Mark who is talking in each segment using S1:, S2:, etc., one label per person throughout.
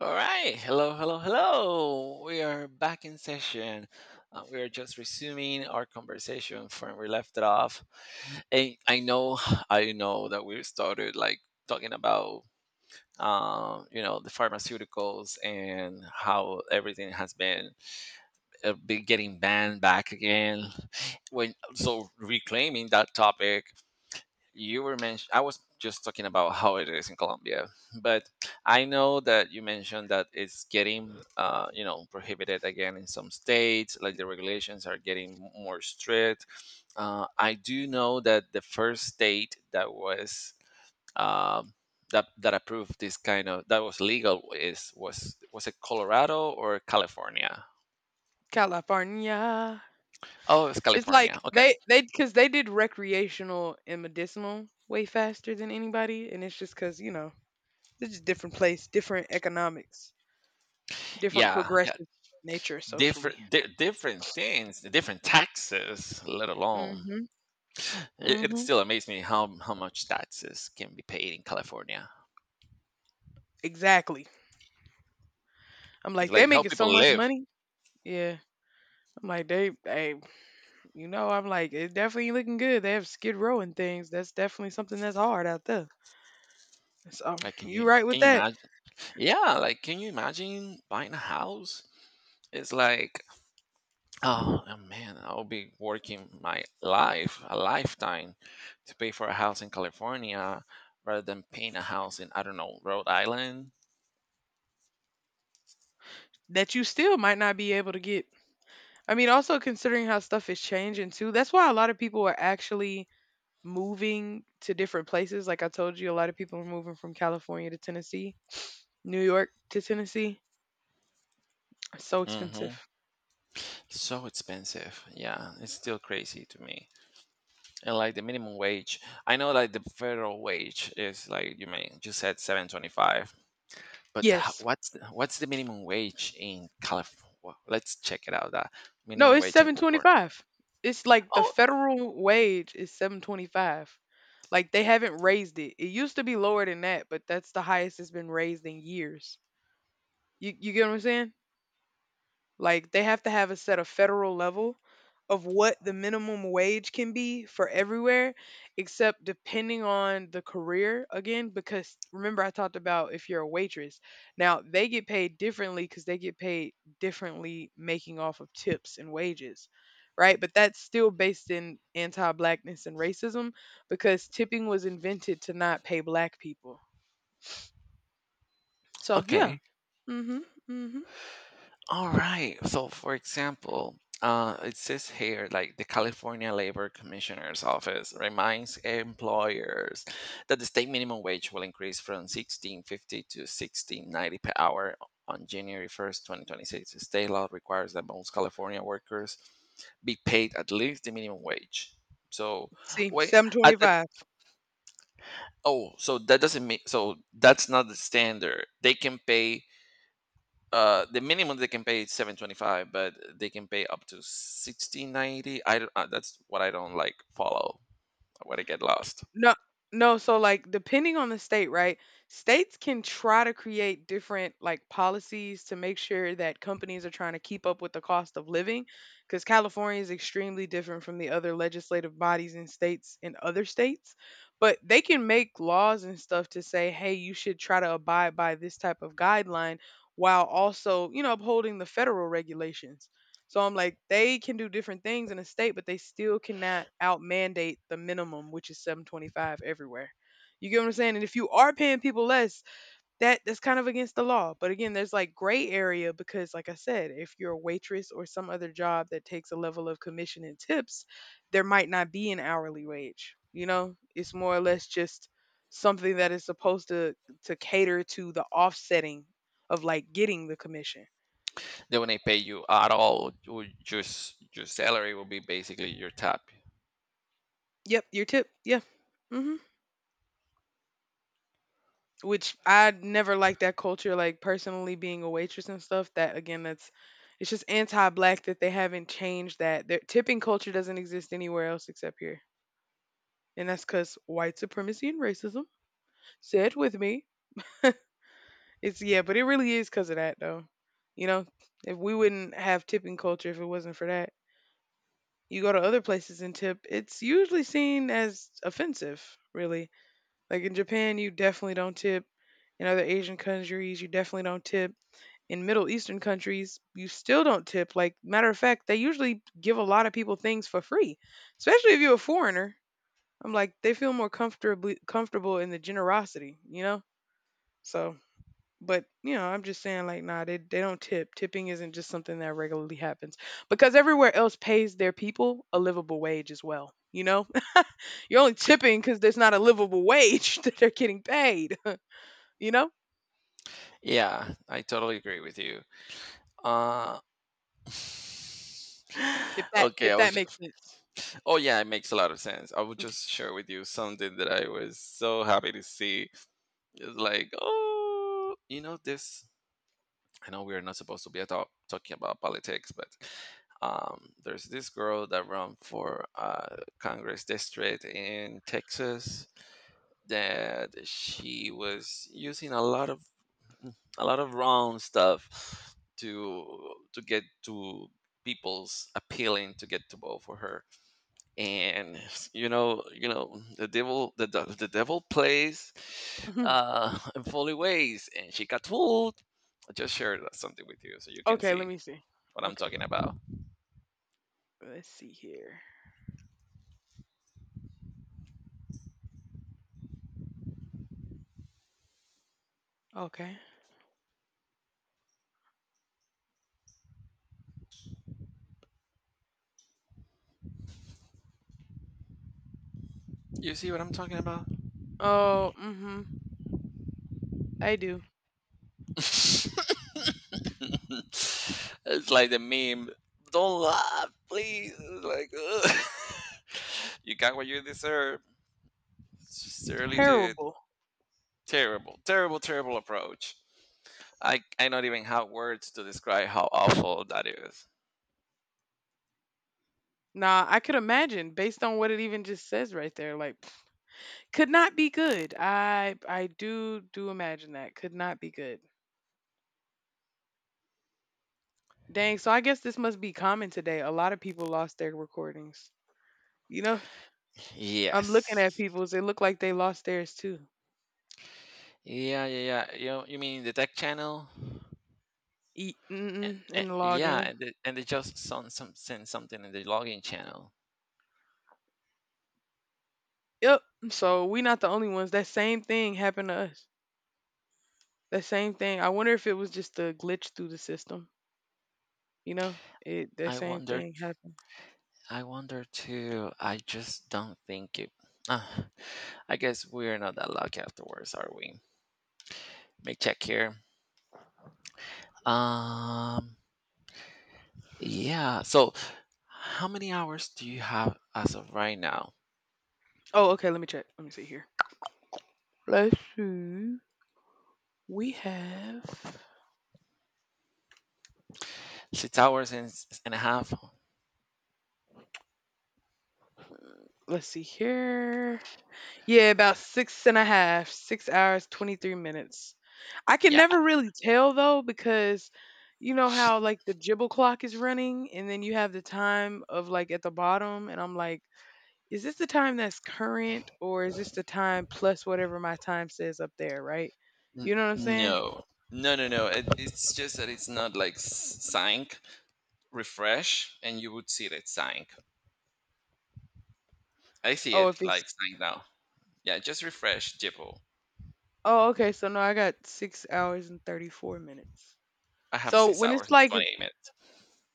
S1: All right. Hello, hello, hello. We are back in session. We are just resuming our conversation from we left it off. And I know, I know that we started like talking about, the pharmaceuticals and how everything has been getting banned back again. When so reclaiming that topic you were mentioned I was just talking about how it is in Colombia but I know that you mentioned that it's getting prohibited again in some states like the regulations are getting more strict. I do know that the first state that was um, that approved this kind of that was legal is was it Colorado or California?
S2: California.
S1: Oh, it's
S2: It's like
S1: California, okay.
S2: they because they did recreational and medicinal way faster than anybody, and it's just because it's just different place, different economics, different
S1: Yeah, yeah,
S2: progressive nature socially.
S1: different different things, different taxes let alone.
S2: Mhm.
S1: It
S2: Mhm.
S1: still amazes me how much taxes can be paid in California.
S2: Exactly. I'm
S1: It's
S2: like they
S1: like how
S2: making so
S1: people
S2: much
S1: live.
S2: money. Yeah. I'm like they they I'm like it definitely looking good. They have Skid Row and things. That's definitely something that's hard out there. So
S1: Like can
S2: you
S1: you
S2: right with
S1: can you
S2: that.
S1: imagine? Yeah, like can you imagine buying a house? It's like oh, man, I'll be working my life a lifetime to pay for a house in California rather than paying a house in I don't know Rhode Island.
S2: That you still might not be able to get. I mean, also considering how stuff is changing too, that's why a lot of people are actually moving to different places. Like I told you, a lot of people are moving from California to Tennessee, New York to Tennessee. It's so
S1: Hmm.
S2: expensive.
S1: So expensive. Yeah, it's still crazy to me. And like the minimum wage, I know like the federal wage is like you said 7.25, but
S2: Yes.
S1: what's the minimum wage in California? Let's check it out. That
S2: No,
S1: minimum
S2: it's
S1: wage in California.
S2: 725. It's like the
S1: Oh,
S2: federal wage is 725. Like they haven't raised it. It used to be lower than that, but that's the highest it's been raised in years. You get what I'm saying? Like they have to have a set of federal level of what the minimum wage can be for everywhere, except depending on the career again. Because remember, I talked about if you're a waitress. Now they get paid differently because they get paid differently making off of tips and wages. Right, but that's still based in anti-blackness and racism because tipping was invented to not pay black people. So yeah,
S1: okay.
S2: mm-hmm, mm-hmm.
S1: All right. So, for example, it says here like the California Labor Commissioner's Office reminds employers that the state minimum wage will increase from 16.50 to 16.90 per hour on January 1, 2026. The state law requires that most California workers be paid at least the minimum wage. So
S2: See,
S1: wait,
S2: seven
S1: at that,
S2: twenty-five.
S1: oh, so that doesn't mean, so that's not the standard. They can pay, the minimum they can pay is 7.25 but they can pay up to 16.90. I don't- That's what I don't like follow when I get lost.
S2: No, no. So like, depending on the state, right? States can try to create different like policies to make sure that companies are trying to keep up with the cost of living, because California is extremely different from the other legislative bodies and states in other states. But they can make laws and stuff to say, hey, you should try to abide by this type of guideline, while also, upholding the federal regulations. So I'm like, they can do different things in a state, but they still cannot out mandate the minimum, which is 725 everywhere. You get what I'm saying? And if you are paying people less, that's kind of against the law. But again, there's like gray area because, like I said, if you're a waitress or some other job that takes a level of commission and tips, there might not be an hourly wage. It's more or less just something that is supposed to cater to the offsetting of like getting the commission.
S1: They won't pay you at all, your just your salary will be basically your tap.
S2: Yep, your tip. Yeah. hmm which I never liked that culture, like personally being a waitress and stuff. That again, that's it's just anti-black that they haven't changed that. Their tipping culture doesn't exist anywhere else except here, and that's because white supremacy and racism. Say it with me. It's, yeah, but it really is because of that though. You know, if we wouldn't have tipping culture if it wasn't for that. You go to other places and tip, it's usually seen as offensive, really. Like in Japan, you definitely don't tip. In other Asian countries, you definitely don't tip. In Middle Eastern countries, you still don't tip. Like, matter of fact, they usually give a lot of people things for free, especially if you're a foreigner. I'm like, they feel more comfortably comfortable in the generosity, you know? So, but I'm just saying, like, nah, they don't tip. Tipping isn't just something that regularly happens because everywhere else pays their people a livable wage as well. You're only tipping because there's not a livable wage that they're getting paid. You know,
S1: Yeah, I totally agree with you. uh
S2: if that
S1: okay
S2: if
S1: i was
S2: that makes
S1: ju-
S2: sense.
S1: Oh yeah, it makes a lot of sense. I will just share with you something that I was so happy to see. It's like oh, you know this, I know we're not supposed to be at all talking about politics, but there's this girl that ran for Congress district in Texas that she was using a lot of a lot of wrong stuff to get to people's appealing to get to vote for her and you know, you know the devil, the devil plays
S2: Mhm.
S1: in funny ways and she got fooled. I just shared that something with you so you can
S2: Okay, let
S1: see
S2: me see.
S1: what I'm
S2: Okay.
S1: talking about.
S2: Let's see here. Okay.
S1: You see what I'm talking about?
S2: Oh, mm-hmm. I do.
S1: It's like the meme, don't laugh please. It's like ugh. You got what you deserve surely, dude.
S2: Terrible.
S1: Terrible, terrible, terrible approach. I not even have words to describe how awful that is.
S2: Nah, I could imagine based on what it even just says right there. Like, could not be good. I do imagine that could not be good. Dang. So I guess this must be common today. A lot of people lost their recordings. You know, I'm looking
S1: Yes.
S2: at people's. It look like they lost theirs too.
S1: Yeah, yeah, yeah. You mean the tech channel?
S2: Eat
S1: Eh,
S2: mm-mm, and log
S1: Yeah,
S2: in.
S1: and they just send something in the login channel.
S2: Yep. So we not the only ones. That same thing happened to us. That same thing. I wonder if it was just a glitch through the system. You know, it that
S1: I
S2: same
S1: wonder.
S2: thing happened.
S1: I wonder too. I just don't think it. Ah, I guess we're not that lucky afterwards, are we? Let me check here. Um. Yeah. So, how many hours do you have as of right now?
S2: Oh, okay. Let me check. Let me see here. Let's see. We have.
S1: 6 hours and, and a half.
S2: Let's see here. Yeah, about six and a half, 6 hours, 23 minutes. I can
S1: Yeah.
S2: never really tell though because you know how like the jibble clock is running, and then you have the time of like at the bottom, and I'm like, is this the time that's current or is this the time plus whatever my time says up there, right? You know what I'm saying?
S1: No. No. No. No. It's just that it's not like sync. Refresh and you would see that sync. I see
S2: Oh, if
S1: it
S2: it's.
S1: like sync now. Yeah, just refresh Jibble.
S2: Oh, okay. So no, I got 6 hours and 34 minutes.
S1: I have
S2: So
S1: six
S2: when
S1: hours
S2: it's
S1: and
S2: like,
S1: 28 minutes.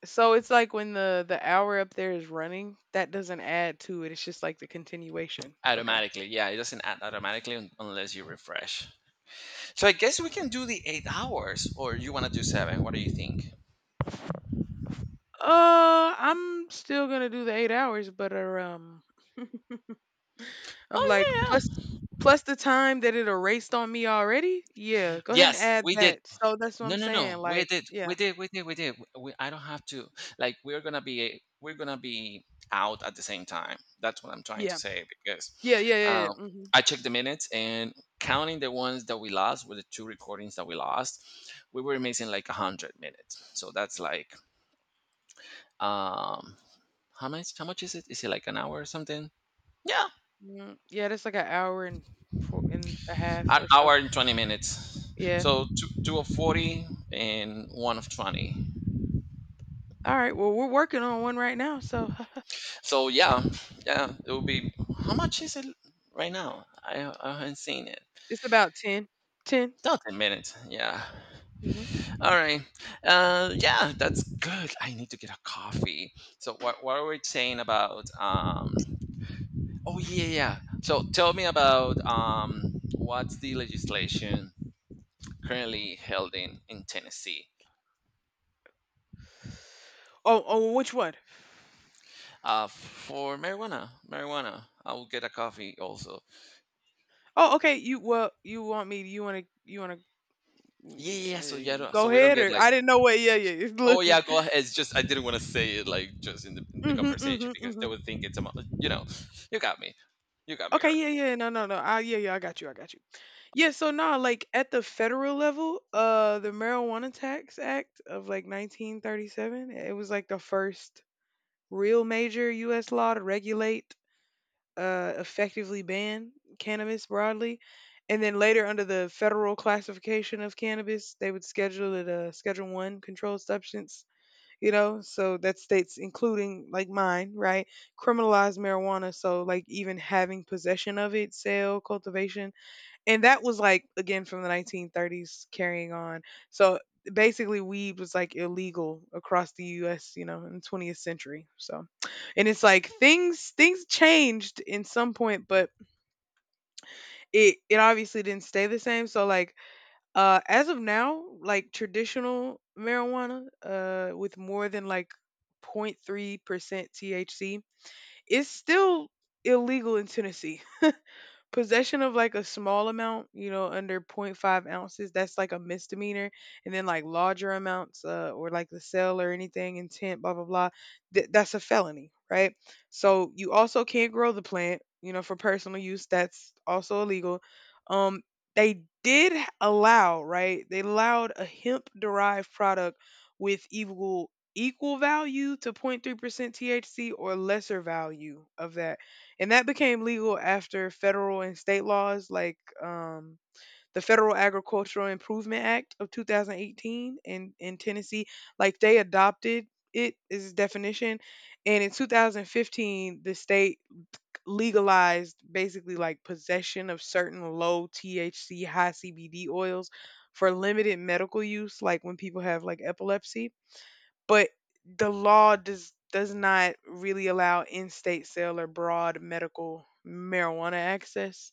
S2: so it's like when the hour up there is running, that doesn't add to it. It's just like the continuation. Okay.
S1: Automatically, yeah, it doesn't add automatically unless you refresh. So I guess we can do the 8 hours, or you want to do seven. What do you think?
S2: I'm still gonna do the 8 hours, but um, I'm
S1: Oh,
S2: like
S1: yeah, yeah.
S2: plus the time that it erased on me already. Yeah, go ahead and
S1: Yes,
S2: add
S1: we did.
S2: that. So that's what
S1: No,
S2: I'm
S1: no, no.
S2: saying.
S1: We
S2: Like,
S1: did,
S2: yeah,
S1: we did, we did, we did. We, I don't have to. Like, we're gonna be, we're gonna be out at the same time. That's what I'm trying to
S2: yeah,
S1: say because
S2: yeah, yeah, yeah,
S1: um,
S2: yeah.
S1: I checked the minutes and counting the ones that we lost with the two recordings that we lost, we were missing like a hundred minutes. So that's like, um, how much? How much is it? Is it like an hour or something? Yeah,
S2: Hmm, yeah, that's like an hour and four and a half
S1: an
S2: or so.
S1: hour and 20 minutes.
S2: Yeah.
S1: So two, two of 40 and one of 20.
S2: All right. Well, we're working on one right now, so
S1: So yeah, yeah, it will be. How much is it right now? I haven't seen it.
S2: it's about 10. 10.
S1: No, 10 minutes. Yeah.
S2: Mhm.
S1: All right. Yeah, that's good. I need to get a coffee. So what are we saying about? Oh yeah, So tell me about um, what's the legislation currently held in Tennessee?
S2: Oh, oh, which one?
S1: For marijuana. Marijuana. I will get a coffee also.
S2: Oh, okay. You well, you want me? You want to? You want to?
S1: Yeah, So
S2: Uh,
S1: yeah.
S2: go
S1: So we don't
S2: ahead,
S1: get
S2: or
S1: like,
S2: I didn't know what. Yeah, yeah. Yeah.
S1: oh
S2: Look.
S1: yeah, go ahead. It's just I didn't want to say it like just in the
S2: Mhm.
S1: conversation
S2: Mhm.
S1: because they
S2: Mhm.
S1: would think it's a you know, you got me, you got me,
S2: Okay.
S1: girl.
S2: Yeah. Yeah. No. No. No. Yeah. Yeah. I got you. I got you. Yeah. So now, like at the federal level, the Marijuana Tax Act of like 1937, it was like the first real major U.S. law to regulate, effectively ban cannabis broadly, and then later under the federal classification of cannabis, they would schedule it a Schedule One controlled substance. So that states, including like mine, right, criminalize marijuana. So like even having possession of it, sale, cultivation, and that was, like, again, from the 1930s carrying on. So, basically, weed was, like, illegal across the US, in the 20th century, so and it's like things changed in some point, but it obviously didn't stay the same, so, like, as of now, like, traditional marijuana, with more than, like, 0.3% THC is still illegal in Tennessee possession of like a small amount, under 0.5 ounces, that's like a misdemeanor. And then like larger amounts, or like the sale or anything, intent, blah, blah, blah, that's a felony, right? So you also can't grow the plant, for personal use. That's also illegal. Um, they did allow, right? They allowed a hemp derived product with equal value to 0.3% THC or lesser value of that, and that became legal after federal and state laws like the Federal Agricultural Improvement Act of 2018 in Tennessee, like they adopted it as its definition. And in 2015, the state legalized basically like possession of certain low THC, high CBD oils for limited medical use, like when people have like epilepsy, but the law does not really allow in-state sale or broad medical marijuana access,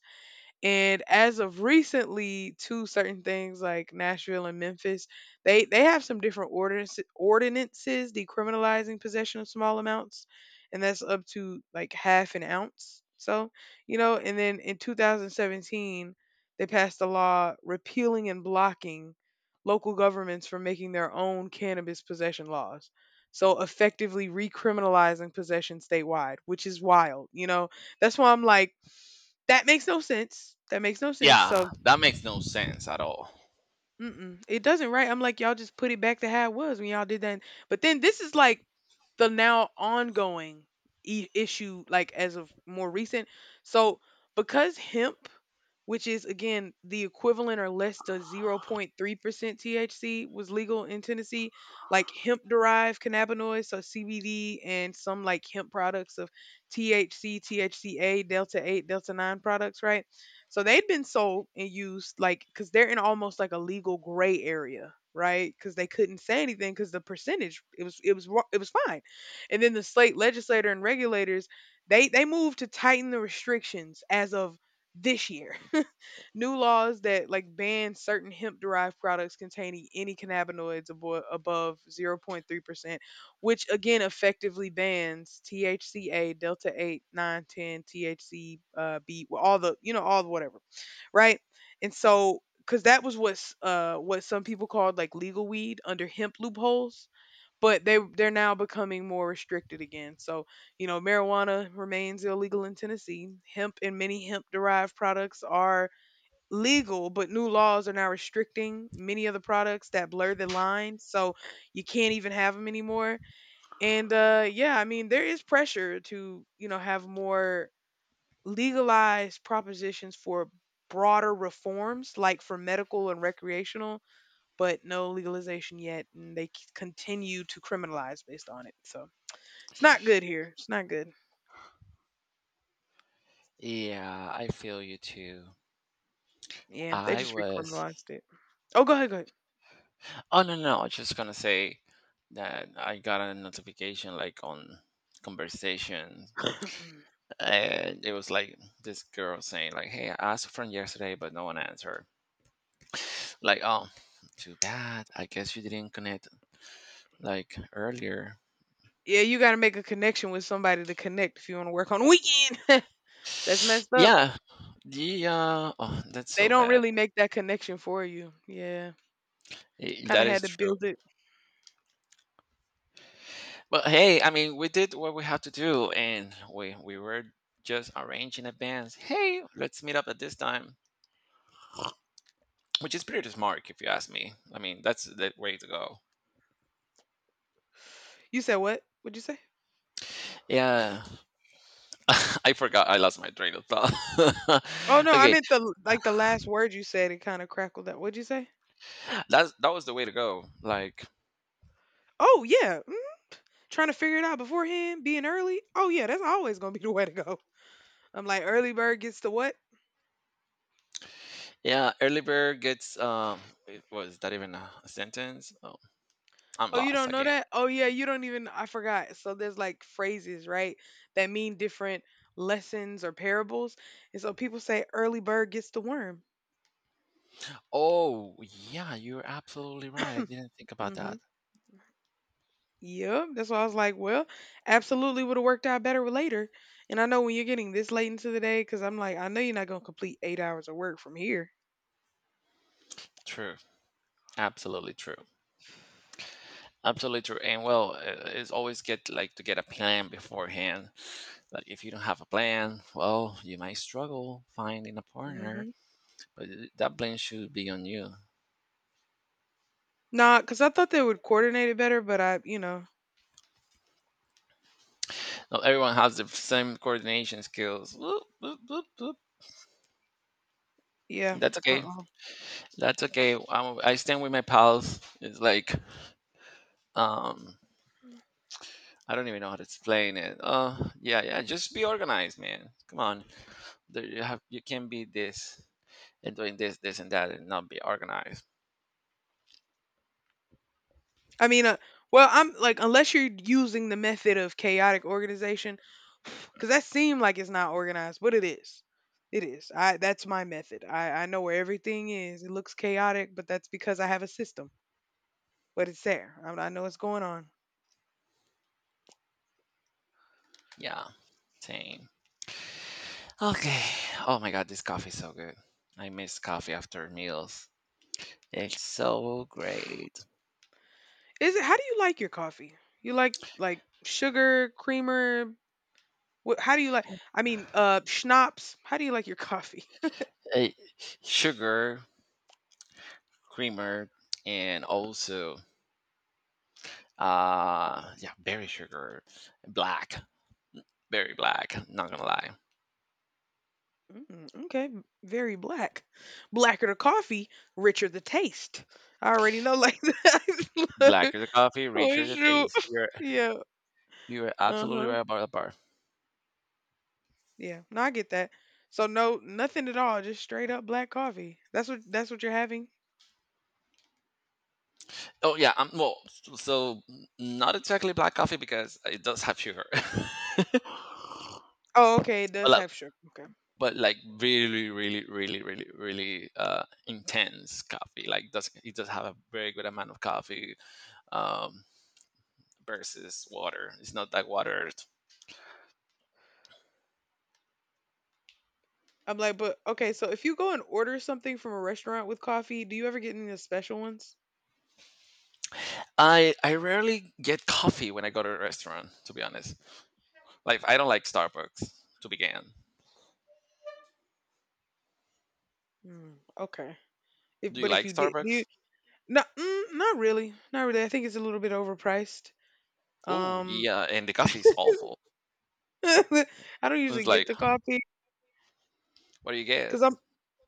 S2: and as of recently, to certain things like Nashville and Memphis, they have some different ordinances, decriminalizing possession of small amounts, and that's up to like half an ounce. So and then in 2017, they passed a law repealing and blocking local governments from making their own cannabis possession laws. So effectively recriminalizing possession statewide, which is wild. That's why I'm like that makes no sense. That makes no sense.
S1: Yeah,
S2: So,
S1: that makes no sense at all.
S2: mm-mm, it doesn't, right? I'm like, y'all just put it back to how it was when y'all did that. But then this is like the now ongoing issue, like as of more recent. So, because hemp which is again the equivalent or less to 0.3% THC was legal in Tennessee. Like hemp derived cannabinoids, so CBD, and some like hemp products of THC, THCA, Delta 8, Delta 9 products, right? So they'd been sold and used like because they're in almost like a legal gray area. Right, because they couldn't say anything because the percentage, it was fine, and then the state legislator and regulators, they moved to tighten the restrictions as of this year, new laws that like ban certain hemp derived products containing any cannabinoids above 0.3%, which again effectively bans THCA, delta 8, 9, 10, THC, B, well, all the whatever, right? And so cuz that was what some people called like legal weed under hemp loopholes, but they're now becoming more restricted again. So you know, marijuana remains illegal in Tennessee. Hemp and many hemp derived products are legal, but new laws are now restricting many of the products that blur the line, so you can't even have them anymore. And Yeah, I mean, there is pressure to you know have more legalized propositions for broader reforms, like for medical and recreational, but no legalization yet, and they continue to criminalize based on it. So it's not good here. It's not good.
S1: Yeah, I feel you too.
S2: Yeah, they
S1: I
S2: just
S1: was.
S2: recriminalized it. Oh, go ahead, go
S1: Oh no, no, I was just gonna say that I got a notification like on conversation,
S2: ahead.
S1: and it was like this girl saying like, "Hey, I asked from yesterday, but no one answered." Like, oh, too bad. I guess you didn't connect like earlier.
S2: Yeah, you gotta make a connection with somebody to connect if you wanna work on the weekend. That's messed up.
S1: Yeah, the oh, that's
S2: They
S1: so
S2: don't
S1: bad.
S2: really make that connection for you. Yeah. Kinda
S1: That
S2: had
S1: is
S2: to
S1: true.
S2: build it.
S1: But hey, I mean, we did what we had to do, and we were just arranging events. Hey, let's meet up at this time, which is pretty smart, if you ask me. I mean, that's the way to go.
S2: You said what? What'd you say?
S1: Yeah, I forgot. I lost my train of thought.
S2: Oh no, I
S1: Okay,
S2: meant the like the last word you said it kinda crackled up. What'd you say?
S1: that's that was the way to go. Like,
S2: Oh yeah. Mm, trying to figure it out beforehand, being early. Oh yeah, that's always gonna be the way to go. I'm like, early bird gets the what?
S1: yeah, early bird gets. Was that even a sentence? Oh, I'm
S2: Oh, you
S1: lost
S2: don't know
S1: again.
S2: that? Oh, yeah, you don't even. I forgot. So there's like phrases, right, that mean different lessons or parables. And so people say, early bird gets the worm.
S1: Oh, yeah, you're absolutely right. I didn't think about
S2: Mm-hmm.
S1: that.
S2: Yeah, that's why I was like, well, absolutely would have worked out better with later. And I know when you're getting this late into the day, because I'm like, I know you're not going to complete 8 hours of work from here.
S1: True. Absolutely true. Absolutely true. And well, it's always get like to get a plan beforehand. Like if you don't have a plan, well, you might struggle finding a
S2: Mm-hmm.
S1: partner, but that plan should be on you.
S2: Nah, because I thought they would coordinate it better, but I, you know,
S1: Not everyone has the same coordination skills. Whoop, whoop, whoop, whoop.
S2: yeah.
S1: That's okay.
S2: Uh-uh.
S1: That's okay. I stand with my pals. It's like um I don't even know how to explain it. Yeah, yeah. Just be organized, man. Come on, there, you can be this and doing this, this and that, and not be organized.
S2: I mean, well, I'm like, unless you're using the method of chaotic organization, because that seemed like it's not organized, but it is. It is. I that's my method. I know where everything is. It looks chaotic, but that's because I have a system. But it's there. I know what's going on.
S1: Yeah, same. Okay. Oh my God, this coffee is so good. I miss coffee after meals. It's so great.
S2: Is it? How do you like your coffee? You like sugar, creamer? What? How do you like? I mean, schnapps. How do you like your coffee?
S1: Eh, Sugar, creamer, and also yeah, berry sugar, black, berry black. Not gonna lie,
S2: Mm, okay, very black. Blacker the coffee, richer the taste. I already know like that.
S1: blacker the coffee,
S2: Oh
S1: richer the
S2: shoot.
S1: taste. You're
S2: Yeah.
S1: you are absolutely
S2: Uh-huh.
S1: right about the bar.
S2: Yeah. No, I get that. So no nothing at all, just straight up black coffee. That's what you're having?
S1: Oh yeah, well, so not exactly black coffee because it does have sugar,
S2: Oh, okay, it
S1: but
S2: does
S1: like,
S2: have sugar. Okay.
S1: but like really, really, really, really, really intense coffee. Like does have a very good amount of coffee um, versus water. It's not that watered.
S2: I'm like, but okay, so if you go and order something from a restaurant with coffee, do you ever get any of the special ones?
S1: I rarely get coffee when I go to a restaurant. To be honest, like I don't like Starbucks to begin.
S2: Mm, okay. If,
S1: Do you
S2: but if
S1: like
S2: you did, do you,
S1: Starbucks?
S2: no, mm, not really, not really. I think it's a little bit overpriced.
S1: Oh
S2: Um,
S1: yeah, and the coffee is awful.
S2: I don't usually
S1: It's
S2: get
S1: like
S2: the coffee
S1: what do you get?
S2: because I'm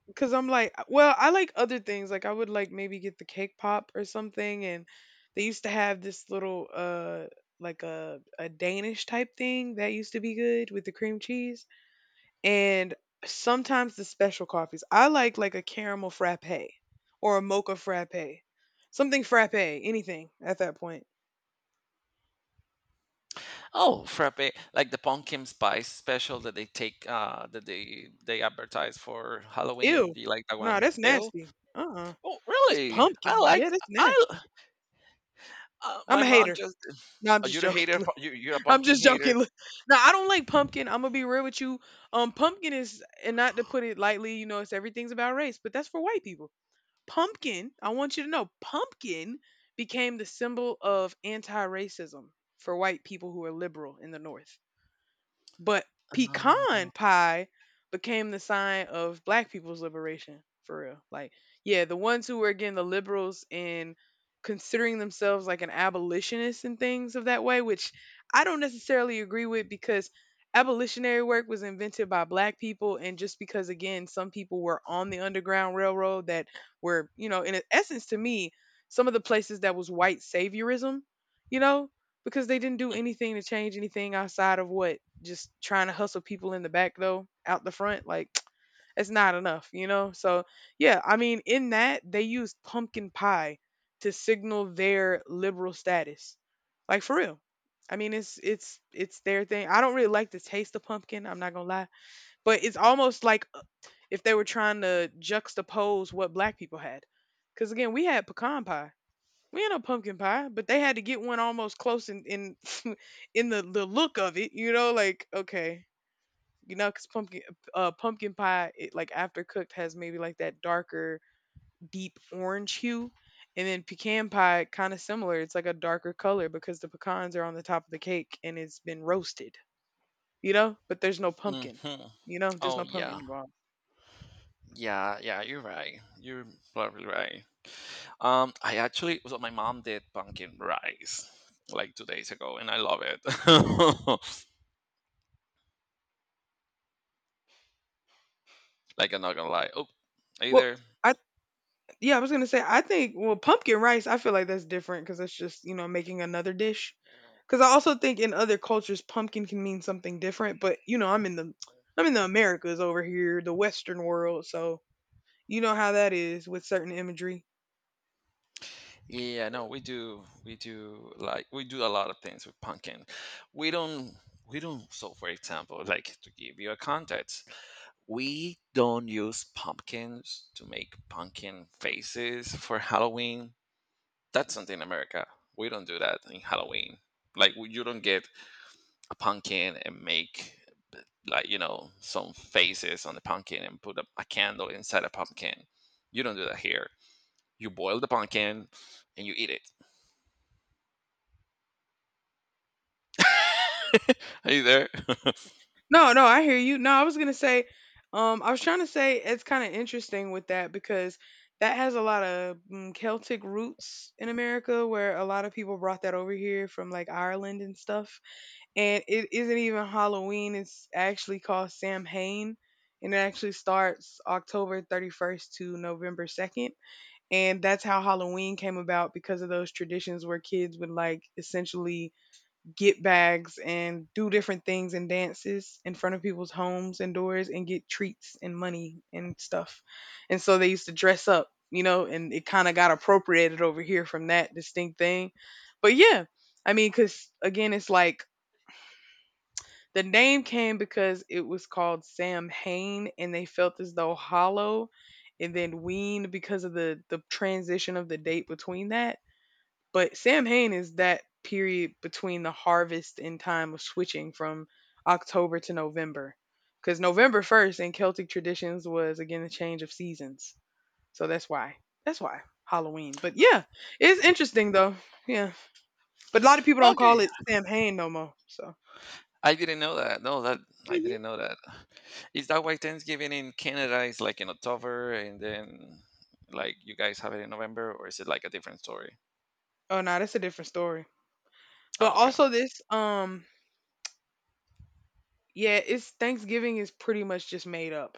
S2: well I like other things like I would like maybe get the cake pop or something and they used to have this little like a Danish type thing that used to be good with the cream cheese and sometimes the special coffees I like a caramel frappe or a mocha frappe something frappe anything at that point
S1: Oh, frappe, like the pumpkin spice special that they take, that they advertise for Halloween.
S2: ew
S1: Do you like that
S2: no
S1: one?
S2: that's
S1: Ew.
S2: nasty
S1: Oh,
S2: that's
S1: really? I
S2: pumpkin
S1: like.
S2: yeah that's
S1: I
S2: nasty I'm
S1: my
S2: a
S1: mom
S2: hater
S1: just.
S2: no I'm
S1: Oh,
S2: just
S1: you're a
S2: joking
S1: hater. You you're a
S2: I'm
S1: pumpkin
S2: just
S1: hater.
S2: joking. Now I don't like pumpkin. I'm gonna be real with you. Pumpkin is, and not to put it lightly, you know, it's everything's about race, but that's for white people. Pumpkin. I want you to know, pumpkin became the symbol of anti-racism for white people who are liberal in the North. But pecan
S1: Uh,
S2: pie became the sign of black people's liberation for real. Like, yeah, the ones who were again the liberals and considering themselves like an abolitionist and things of that way, which I don't necessarily agree with because abolitionary work was invented by black people and just because again some people were on the underground railroad that were, you know, in essence to me, some of the places that was white saviorism, you know, because they didn't do anything to change anything outside of what just trying to hustle people in the back though out the front like it's not enough you know so yeah I mean in that they used pumpkin pie to signal their liberal status like for real I mean it's their thing I don't really like the taste of pumpkin I'm not gonna lie but it's almost like if they were trying to juxtapose what black people had because again we had pecan pie we ain't no pumpkin pie, but they had to get one almost close in in the look of it, you know, like okay, you know, because pumpkin pumpkin pie, it, like after cooked, has maybe like that darker deep orange hue, and then pecan pie kind of similar. It's like a darker color because the pecans are on the top of the cake and it's been roasted, you know. But there's no pumpkin,
S1: hmm
S2: you know. There's
S1: Oh
S2: no pumpkin
S1: yeah,
S2: involved.
S1: yeah, yeah. You're right. You're probably right. I actually, so my mom did pumpkin rice like 2 days ago, and I love it. Like I'm not gonna lie. Oh, are you
S2: Well,
S1: there?
S2: I Yeah, I was gonna say, I think, well, pumpkin rice, I feel like that's different because it's just, you know, making another dish. Because I also think in other cultures, pumpkin can mean something different. But you know, I'm in the Americas over here, the Western world, so you know how that is with certain imagery.
S1: Yeah, no, we do. We do like we do a lot of things with pumpkin. We don't we don't so for example, like to give you a context, we don't use pumpkins to make pumpkin faces for Halloween. That's something in America. We don't do that in Halloween. Like you don't get a pumpkin and make like you know some faces on the pumpkin and put a candle inside a pumpkin. You don't do that here. You boil the pumpkin and you eat it. Are you there?
S2: No, no, I hear you. No, I was gonna say, I was trying to say it's kind of interesting with that because that has a lot of mm, Celtic roots in America, where a lot of people brought that over here from like Ireland and stuff and it isn't even Halloween. It's actually called Samhain, and it actually starts October 31st to November 2nd. And that's how Halloween came about because of those traditions where kids would like essentially get bags and do different things and dances in front of people's homes and doors and get treats and money and stuff. And so they used to dress up, you know, and it kind of got appropriated over here from that distinct thing. But yeah, I mean, because again, it's like the name came because it was called Samhain, and they felt as though Hollow and then Ween because of the transition of the date between that. But Samhain is that period between the harvest and time of switching from October to November. Because November 1st in Celtic traditions was again the change of seasons. So that's why. That's why. Halloween. But yeah, it's interesting though. Yeah. But a lot of people don't call
S1: Okay,
S2: it Samhain no more. So.
S1: I didn't know that. I
S2: Mhm.
S1: didn't know that. Is that why Thanksgiving in Canada is like in October and then like you guys have it in November, or is it like a different story?
S2: Oh no, that's a different story. But
S1: Oh, okay.
S2: also this, yeah, it's Thanksgiving is pretty much just made up.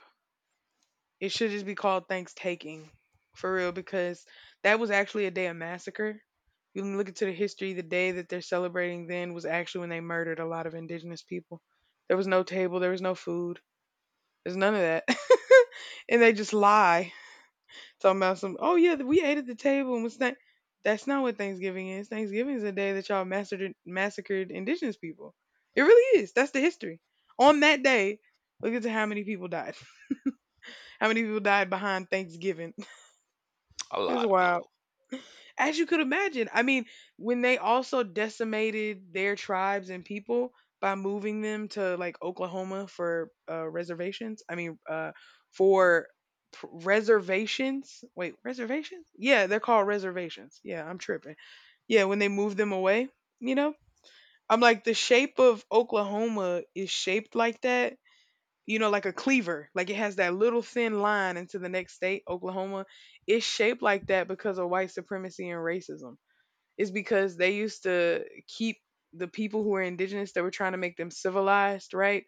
S2: It should just be called Thanks-taking, for real, because that was actually a day of massacre. You can look into the history. The day that they're celebrating then was actually when they murdered a lot of indigenous people. There was no table. There was no food. There's none of that, and they just lie. Talking about some, oh yeah, we ate at the table and was that. That's not what Thanksgiving is. Thanksgiving is a day that y'all massacred, massacred indigenous people. It really is. That's the history. On that day, look at how many people died. How many people died behind Thanksgiving?
S1: A
S2: This is
S1: lot of
S2: wild.
S1: people.
S2: As you could imagine, I mean, when they also decimated their tribes and people by moving them to like Oklahoma for reservations, I mean, for reservations. Wait, reservations? Yeah, they're called reservations. Yeah, I'm tripping. Yeah, when they moved them away, you know, I'm like, the shape of Oklahoma is shaped like that, you know, like a cleaver. Like it has that little thin line into the next state, Oklahoma. It's shaped like that because of white supremacy and racism is because they used to keep the people who were indigenous that were trying to make them civilized, right?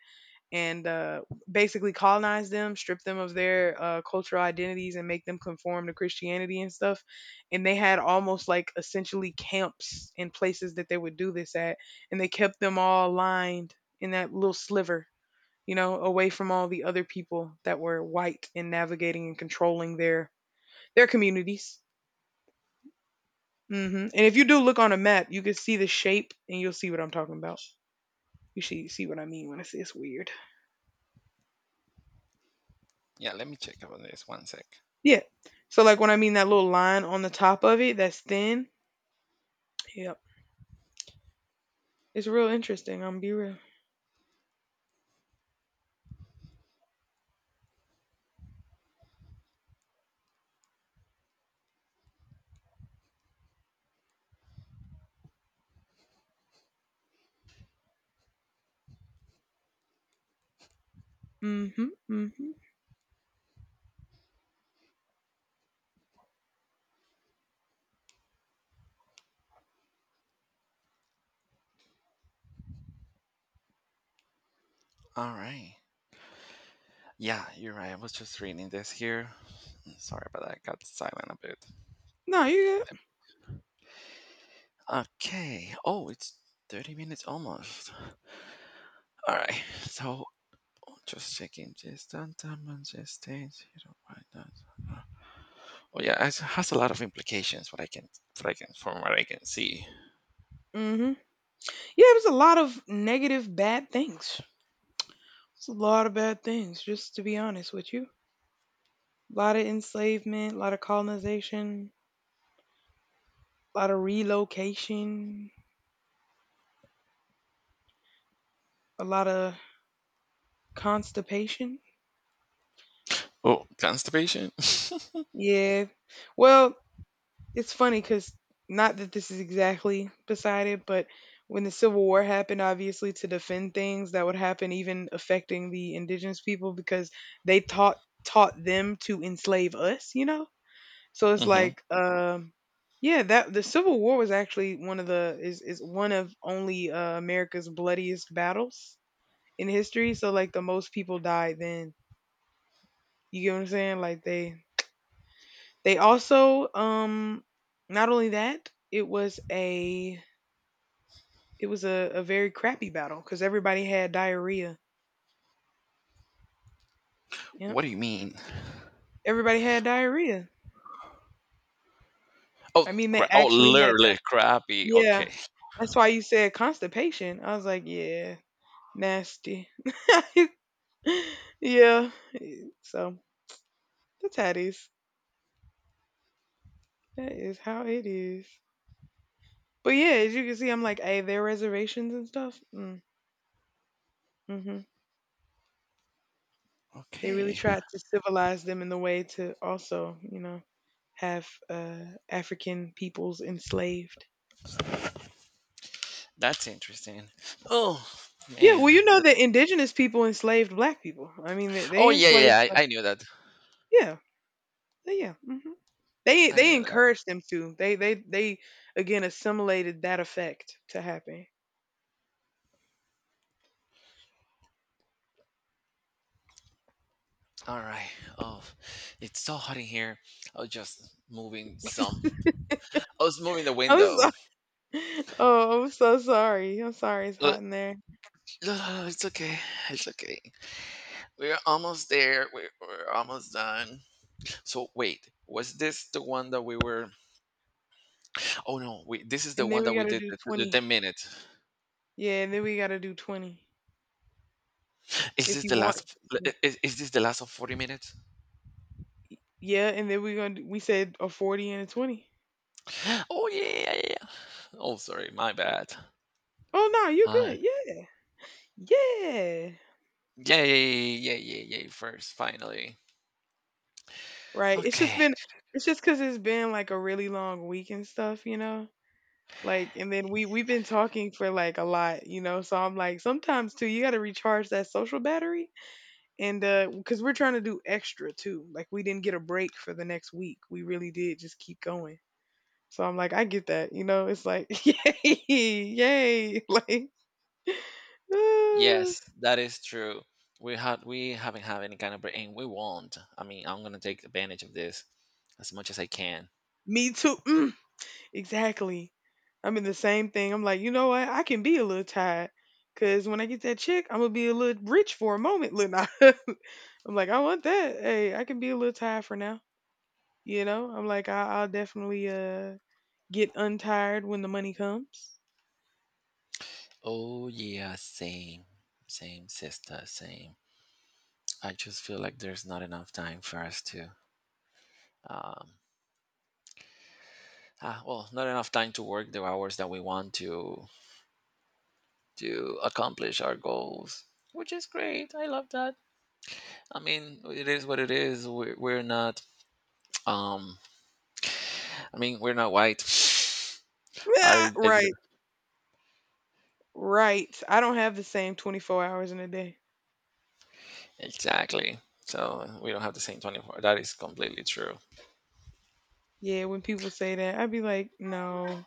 S2: And basically colonize them, strip them of their cultural identities, and make them conform to Christianity and stuff. And they had almost like essentially camps and places that they would do this at. And they kept them all lined in that little sliver, you know, away from all the other people that were white and navigating and controlling their communities hmm And if you do look on a map, you can see the shape and you'll see what I'm talking about. You see what I mean when I say it's weird.
S1: Yeah, let me check about this one sec.
S2: Yeah. So like when I mean that little line on the top of it that's thin. Yep. It's real interesting, I'm be real. Mm-hmm. Mm-hmm.
S1: All right. Yeah, you're right. I was just reading this here. Sorry about that. I got silent a bit.
S2: No, you
S1: Okay. Oh, it's 30 minutes almost. All right. So oh, just checking this downtown Manchester. Zero why not? Oh yeah, it has a lot of implications. From what I can see.
S2: good. Mm-hmm. Yeah, it was a lot of negative bad things. It's a lot of bad things, just to be honest with you. A lot of enslavement, a lot of colonization, a lot of relocation, a lot of constipation.
S1: Oh, constipation.
S2: Yeah. Well, it's funny because not that this is exactly beside it, but when the Civil War happened, obviously to defend things that would happen, even affecting the indigenous people because they taught them to enslave us. So it's
S1: hmm
S2: like, yeah, that the Civil War was actually one of the is one of only America's bloodiest battles in history. So like the most people died then. You get what I'm saying? Like they also not only that, it was a very crappy battle because everybody had diarrhea. Yep.
S1: What do you mean?
S2: Everybody had diarrhea. I
S1: Oh,
S2: mean, they
S1: oh,
S2: actually had.
S1: literally crappy.
S2: Yeah.
S1: Okay,
S2: That's why you said constipation. I was like, yeah, nasty. Yeah. So that's how it is. That is how it is. But yeah, as you can see, I'm like, hey, their reservations and stuff. Mm, hmm. They really
S1: okay,
S2: tried to civilize them in the way to also, have African peoples enslaved.
S1: that's interesting. Oh
S2: Yeah,
S1: man,
S2: well, you know that
S1: that's.
S2: indigenous people enslaved black people. I mean, they
S1: Oh yeah, yeah,
S2: enslaved
S1: yeah, I knew that.
S2: Yeah, yeah. They
S1: I
S2: they
S1: knew that.
S2: encouraged them to. They again assimilated that effect to happen.
S1: All right. Oh, it's so hot in here. I was just moving some. I was moving the
S2: I'm
S1: window.
S2: so, oh, I'm so sorry. I'm sorry. It's hot in there.
S1: No, it's okay. It's okay. We're almost there. We're almost done. So wait, was this the one that we were? Oh no, we, this is the
S2: And then
S1: one
S2: we
S1: that we
S2: gotta
S1: did
S2: do
S1: the
S2: 20.
S1: 10 minutes.
S2: Yeah, and then we gotta do 20
S1: Is
S2: if
S1: this
S2: you
S1: the
S2: want.
S1: last? of- i- Is, is this the last of 40 minutes?
S2: Yeah, and then we said a 40 and a 20.
S1: Oh, yeah, yeah, yeah, yeah. Oh sorry, my bad.
S2: Oh no, you
S1: Uh,
S2: good? Yeah, yeah.
S1: yeah, yeah, yeah, yeah, yeah, yeah. First, finally.
S2: Right. It's just
S1: Okay.
S2: been it's just because 'cause it's been like a really long week and stuff, you know? Like and then we've been talking for like a lot, you know? So I'm like sometimes too you got to recharge that social battery and cuz we're trying to do extra too. Like we didn't get a break for the next week. We really did just keep going. So I'm like I get that, you know? It's like yay, yay. Like
S1: Yes, that is true. We haven't had any kind of break, and we won't. I mean, I'm gonna take advantage of this as much as I can.
S2: me too. Mm. Exactly. I'm in the same thing. I'm like, you know what? I can be a little tired because when I get that check, I'm gonna be a little rich for a moment, Lil' Nas. I'm like, I want that. Hey, I can be a little tired for now. You know, I'm like, I'll definitely get untired when the money comes.
S1: Oh yeah, same, same sister, same. I just feel like there's not enough time for us to, um, well, not enough time to work the hours that we want to accomplish our goals, which is great. I love that. I mean, it is what it is. We're not, um, I mean, we're not white. I
S2: Ah,
S1: didn't-
S2: right, right. I don't have the same 24 hours in a day.
S1: exactly. So we don't have the same 24. That is completely true.
S2: Yeah, when people say that, I'd be like, no,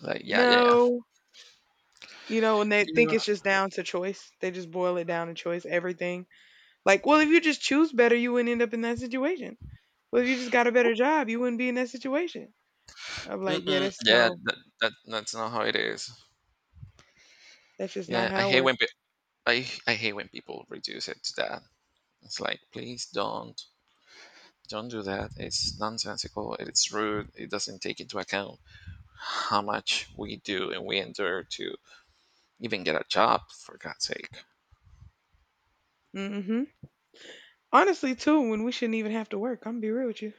S1: Like, yeah, yeah, yeah.
S2: no. You know, and they think
S1: You,
S2: it's just down to choice. They just boil it down to choice. Everything Like, well, if you just choose better, you wouldn't end up in that situation. Well, if you just got a better job, you wouldn't be in that situation. I'm like, yeah,
S1: mm-mm,
S2: that's
S1: yeah,
S2: no,
S1: that's not how it is.
S2: that's just not
S1: Yeah, I
S2: how it
S1: hate
S2: works.
S1: when pe- I hate when people reduce it to that. It's like, please don't do that. It's nonsensical. It's rude. It doesn't take into account how much we do and we endure to even get a job. For God's sake,
S2: hmm Honestly, too, when we shouldn't even have to work, I'm gonna be real with you.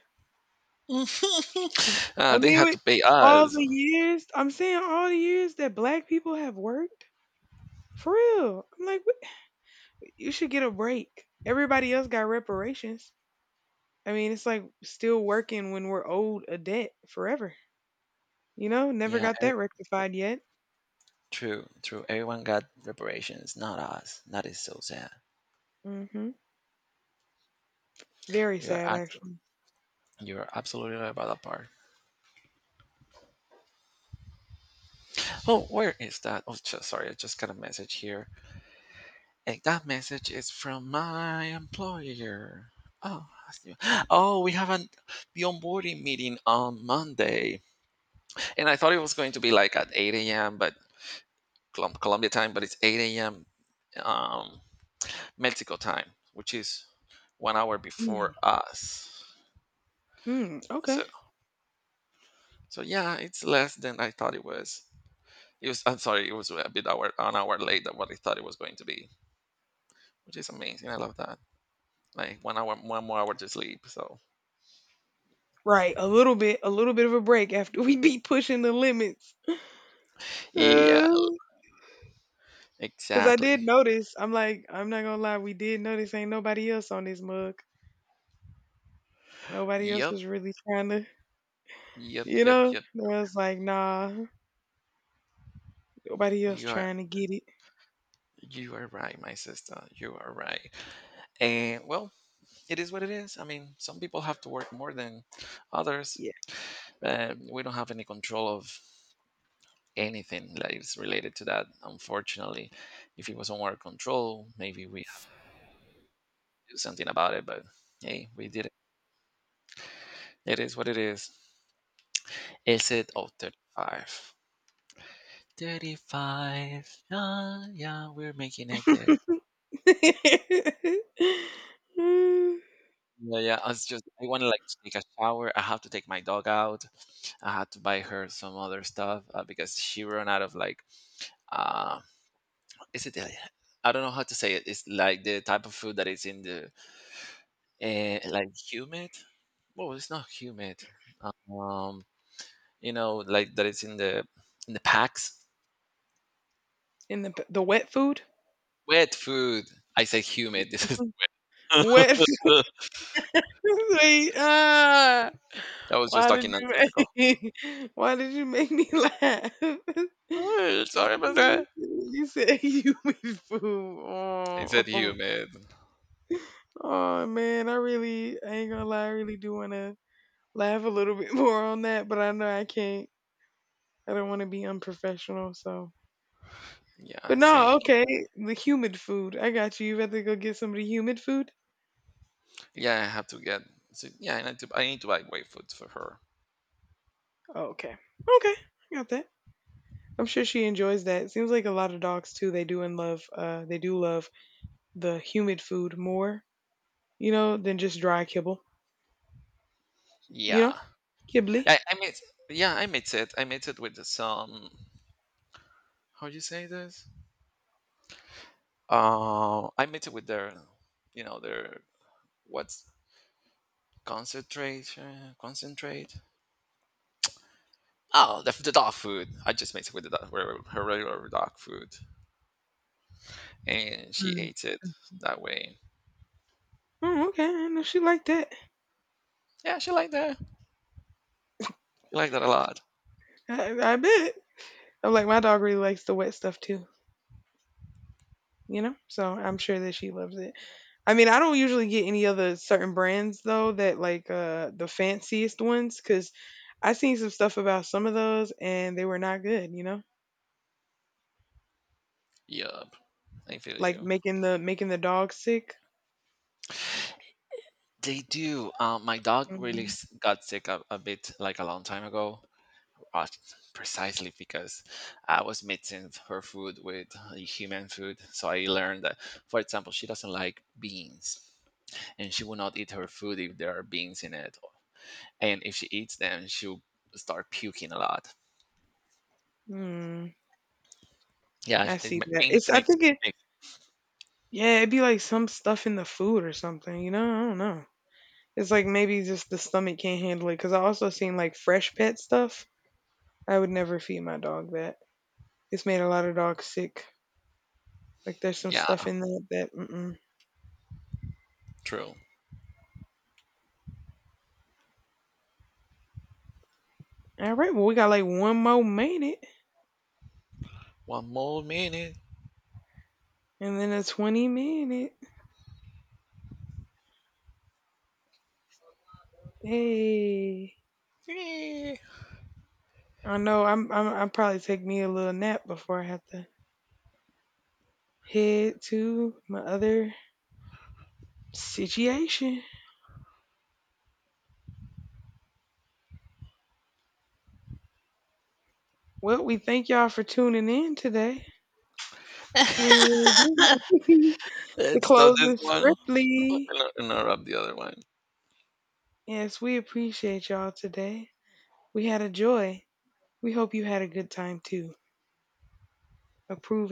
S2: I
S1: they
S2: mean,
S1: have
S2: with
S1: to pay
S2: all
S1: us.
S2: the years, I'm saying all the years that black people have worked, for real. I'm like, what? You should get a break. Everybody else got reparations. I mean, it's like still working when we're owed a debt forever. You know, never
S1: Yeah,
S2: got that
S1: e-
S2: rectified yet.
S1: true, true. Everyone got reparations, not us. That is so sad.
S2: hmm Very
S1: You're
S2: sad
S1: at,
S2: actually.
S1: you're absolutely right about that part. Oh, where is that? Sorry, I just got a message here. And that message is from my employer. Oh, I see. oh, we have an, the onboarding meeting on Monday. And I thought it was going to be like at 8 a.m., but Colombia time, but it's 8 a.m. Um, Mexico time, which is 1 hour
S2: Mm,
S1: before us.
S2: mm, okay.
S1: So, so yeah, it's less than I thought it was. I'm sorry, it was a bit hour, an hour late than what I thought it was going to be, which is amazing. I love that. Like 1 hour, one more hour to sleep. So,
S2: Right, a little bit of a break after we be pushing the limits.
S1: yeah.
S2: Uh, 'Cause I did
S1: Exactly.
S2: notice, I'm like, I'm not gonna lie, we did notice ain't nobody else on this mug. Nobody else
S1: Yep,
S2: was really trying to,
S1: yep,
S2: you
S1: yep,
S2: know?
S1: yep.
S2: I was like, nah, nobody else
S1: You are
S2: trying to get it.
S1: you are right, my sister. You are right. And well, it is what it is. I mean, some people have to work more than others.
S2: Yeah.
S1: But we don't have any control of anything that is related to that, unfortunately. If it was on our control, maybe we have to do something about it, but hey, we did it. It is what it is. Is it Oh, 35. Thirty-five. Yeah, yeah, we're making it there.
S2: Mm.
S1: Yeah, yeah. I was just I want to like take a shower. I have to take my dog out. I had to buy her some other stuff because she ran out of like uh, is it I don't know how to say it. It's like the type of food that is in the, like humid. Well, it's not humid. Um, you know, like that it's in the packs.
S2: And the wet food,
S1: Wet food. I say humid. This is
S2: wet. Wait, ah.
S1: that was just
S2: Why did
S1: talking
S2: you
S1: nonsensical.
S2: make Why did you make me laugh?
S1: Sorry about that.
S2: You said you be fool.
S1: I said
S2: Oh,
S1: humid.
S2: oh man, I ain't gonna lie, I really do wanna laugh a little bit more on that, but I know I can't. I don't wanna be unprofessional, so but
S1: Yeah,
S2: no,
S1: same.
S2: okay. The humid food. I got you. You rather go get some of the humid food?
S1: Yeah, I have to get. So, yeah, I need to buy white food for her.
S2: Okay. Okay. I got that. I'm sure she enjoys that. Seems like a lot of dogs too, they do love the humid food more than just dry kibble. You know,
S1: Yeah,
S2: kibbly.
S1: I, I mix. Yeah, I mix it. I mix it with some. How do you say this? I mix it with their. You know their what's concentrate? Concentrate. Oh, the dog food. I just mix it with the dog, her regular dog food, and she
S2: Mm.
S1: ate it that way.
S2: Oh, okay. I know she liked that.
S1: Yeah, she liked that. She liked that a lot.
S2: I bet. I'm like, my dog really likes the wet stuff too, you know? So I'm sure that she loves it. I mean, I don't usually get any other certain brands though that like the fanciest ones because I seen some stuff about some of those and they were not good,
S1: Yup, I feel
S2: like
S1: you.
S2: making the dog sick.
S1: They do. My dog really
S2: hmm
S1: got sick a bit like a long time ago, uh, precisely because I was mixing her food with human food. So I learned that, for example, she doesn't like beans, and she will not eat her food if there are beans in it. And if she eats them, she'll start puking a lot.
S2: Mm,
S1: Yeah,
S2: I
S1: it,
S2: see
S1: ma-
S2: that. It's
S1: beans
S2: I
S1: make.
S2: think it
S1: Makes
S2: yeah it'd be like some stuff in the food or something. I don't know. It's like maybe just the stomach can't handle it. Because I also seen like fresh pet stuff. I would never feed my dog that. It's made a lot of dogs sick. Like there's some
S1: Yeah,
S2: stuff in that. Mm-mm.
S1: true.
S2: All right, well we got like one more minute,
S1: One more minute.
S2: and then a 20-minute. Hey, I know I probably take me a little nap before I have to head to my other situation. Well, we thank y'all for tuning in today. We really do. The
S1: Let's stop this
S2: closing
S1: one
S2: scriptly.
S1: and interrupt the other one.
S2: Yes, we appreciate y'all today. We had a joy. We hope you had a good time too. Approving.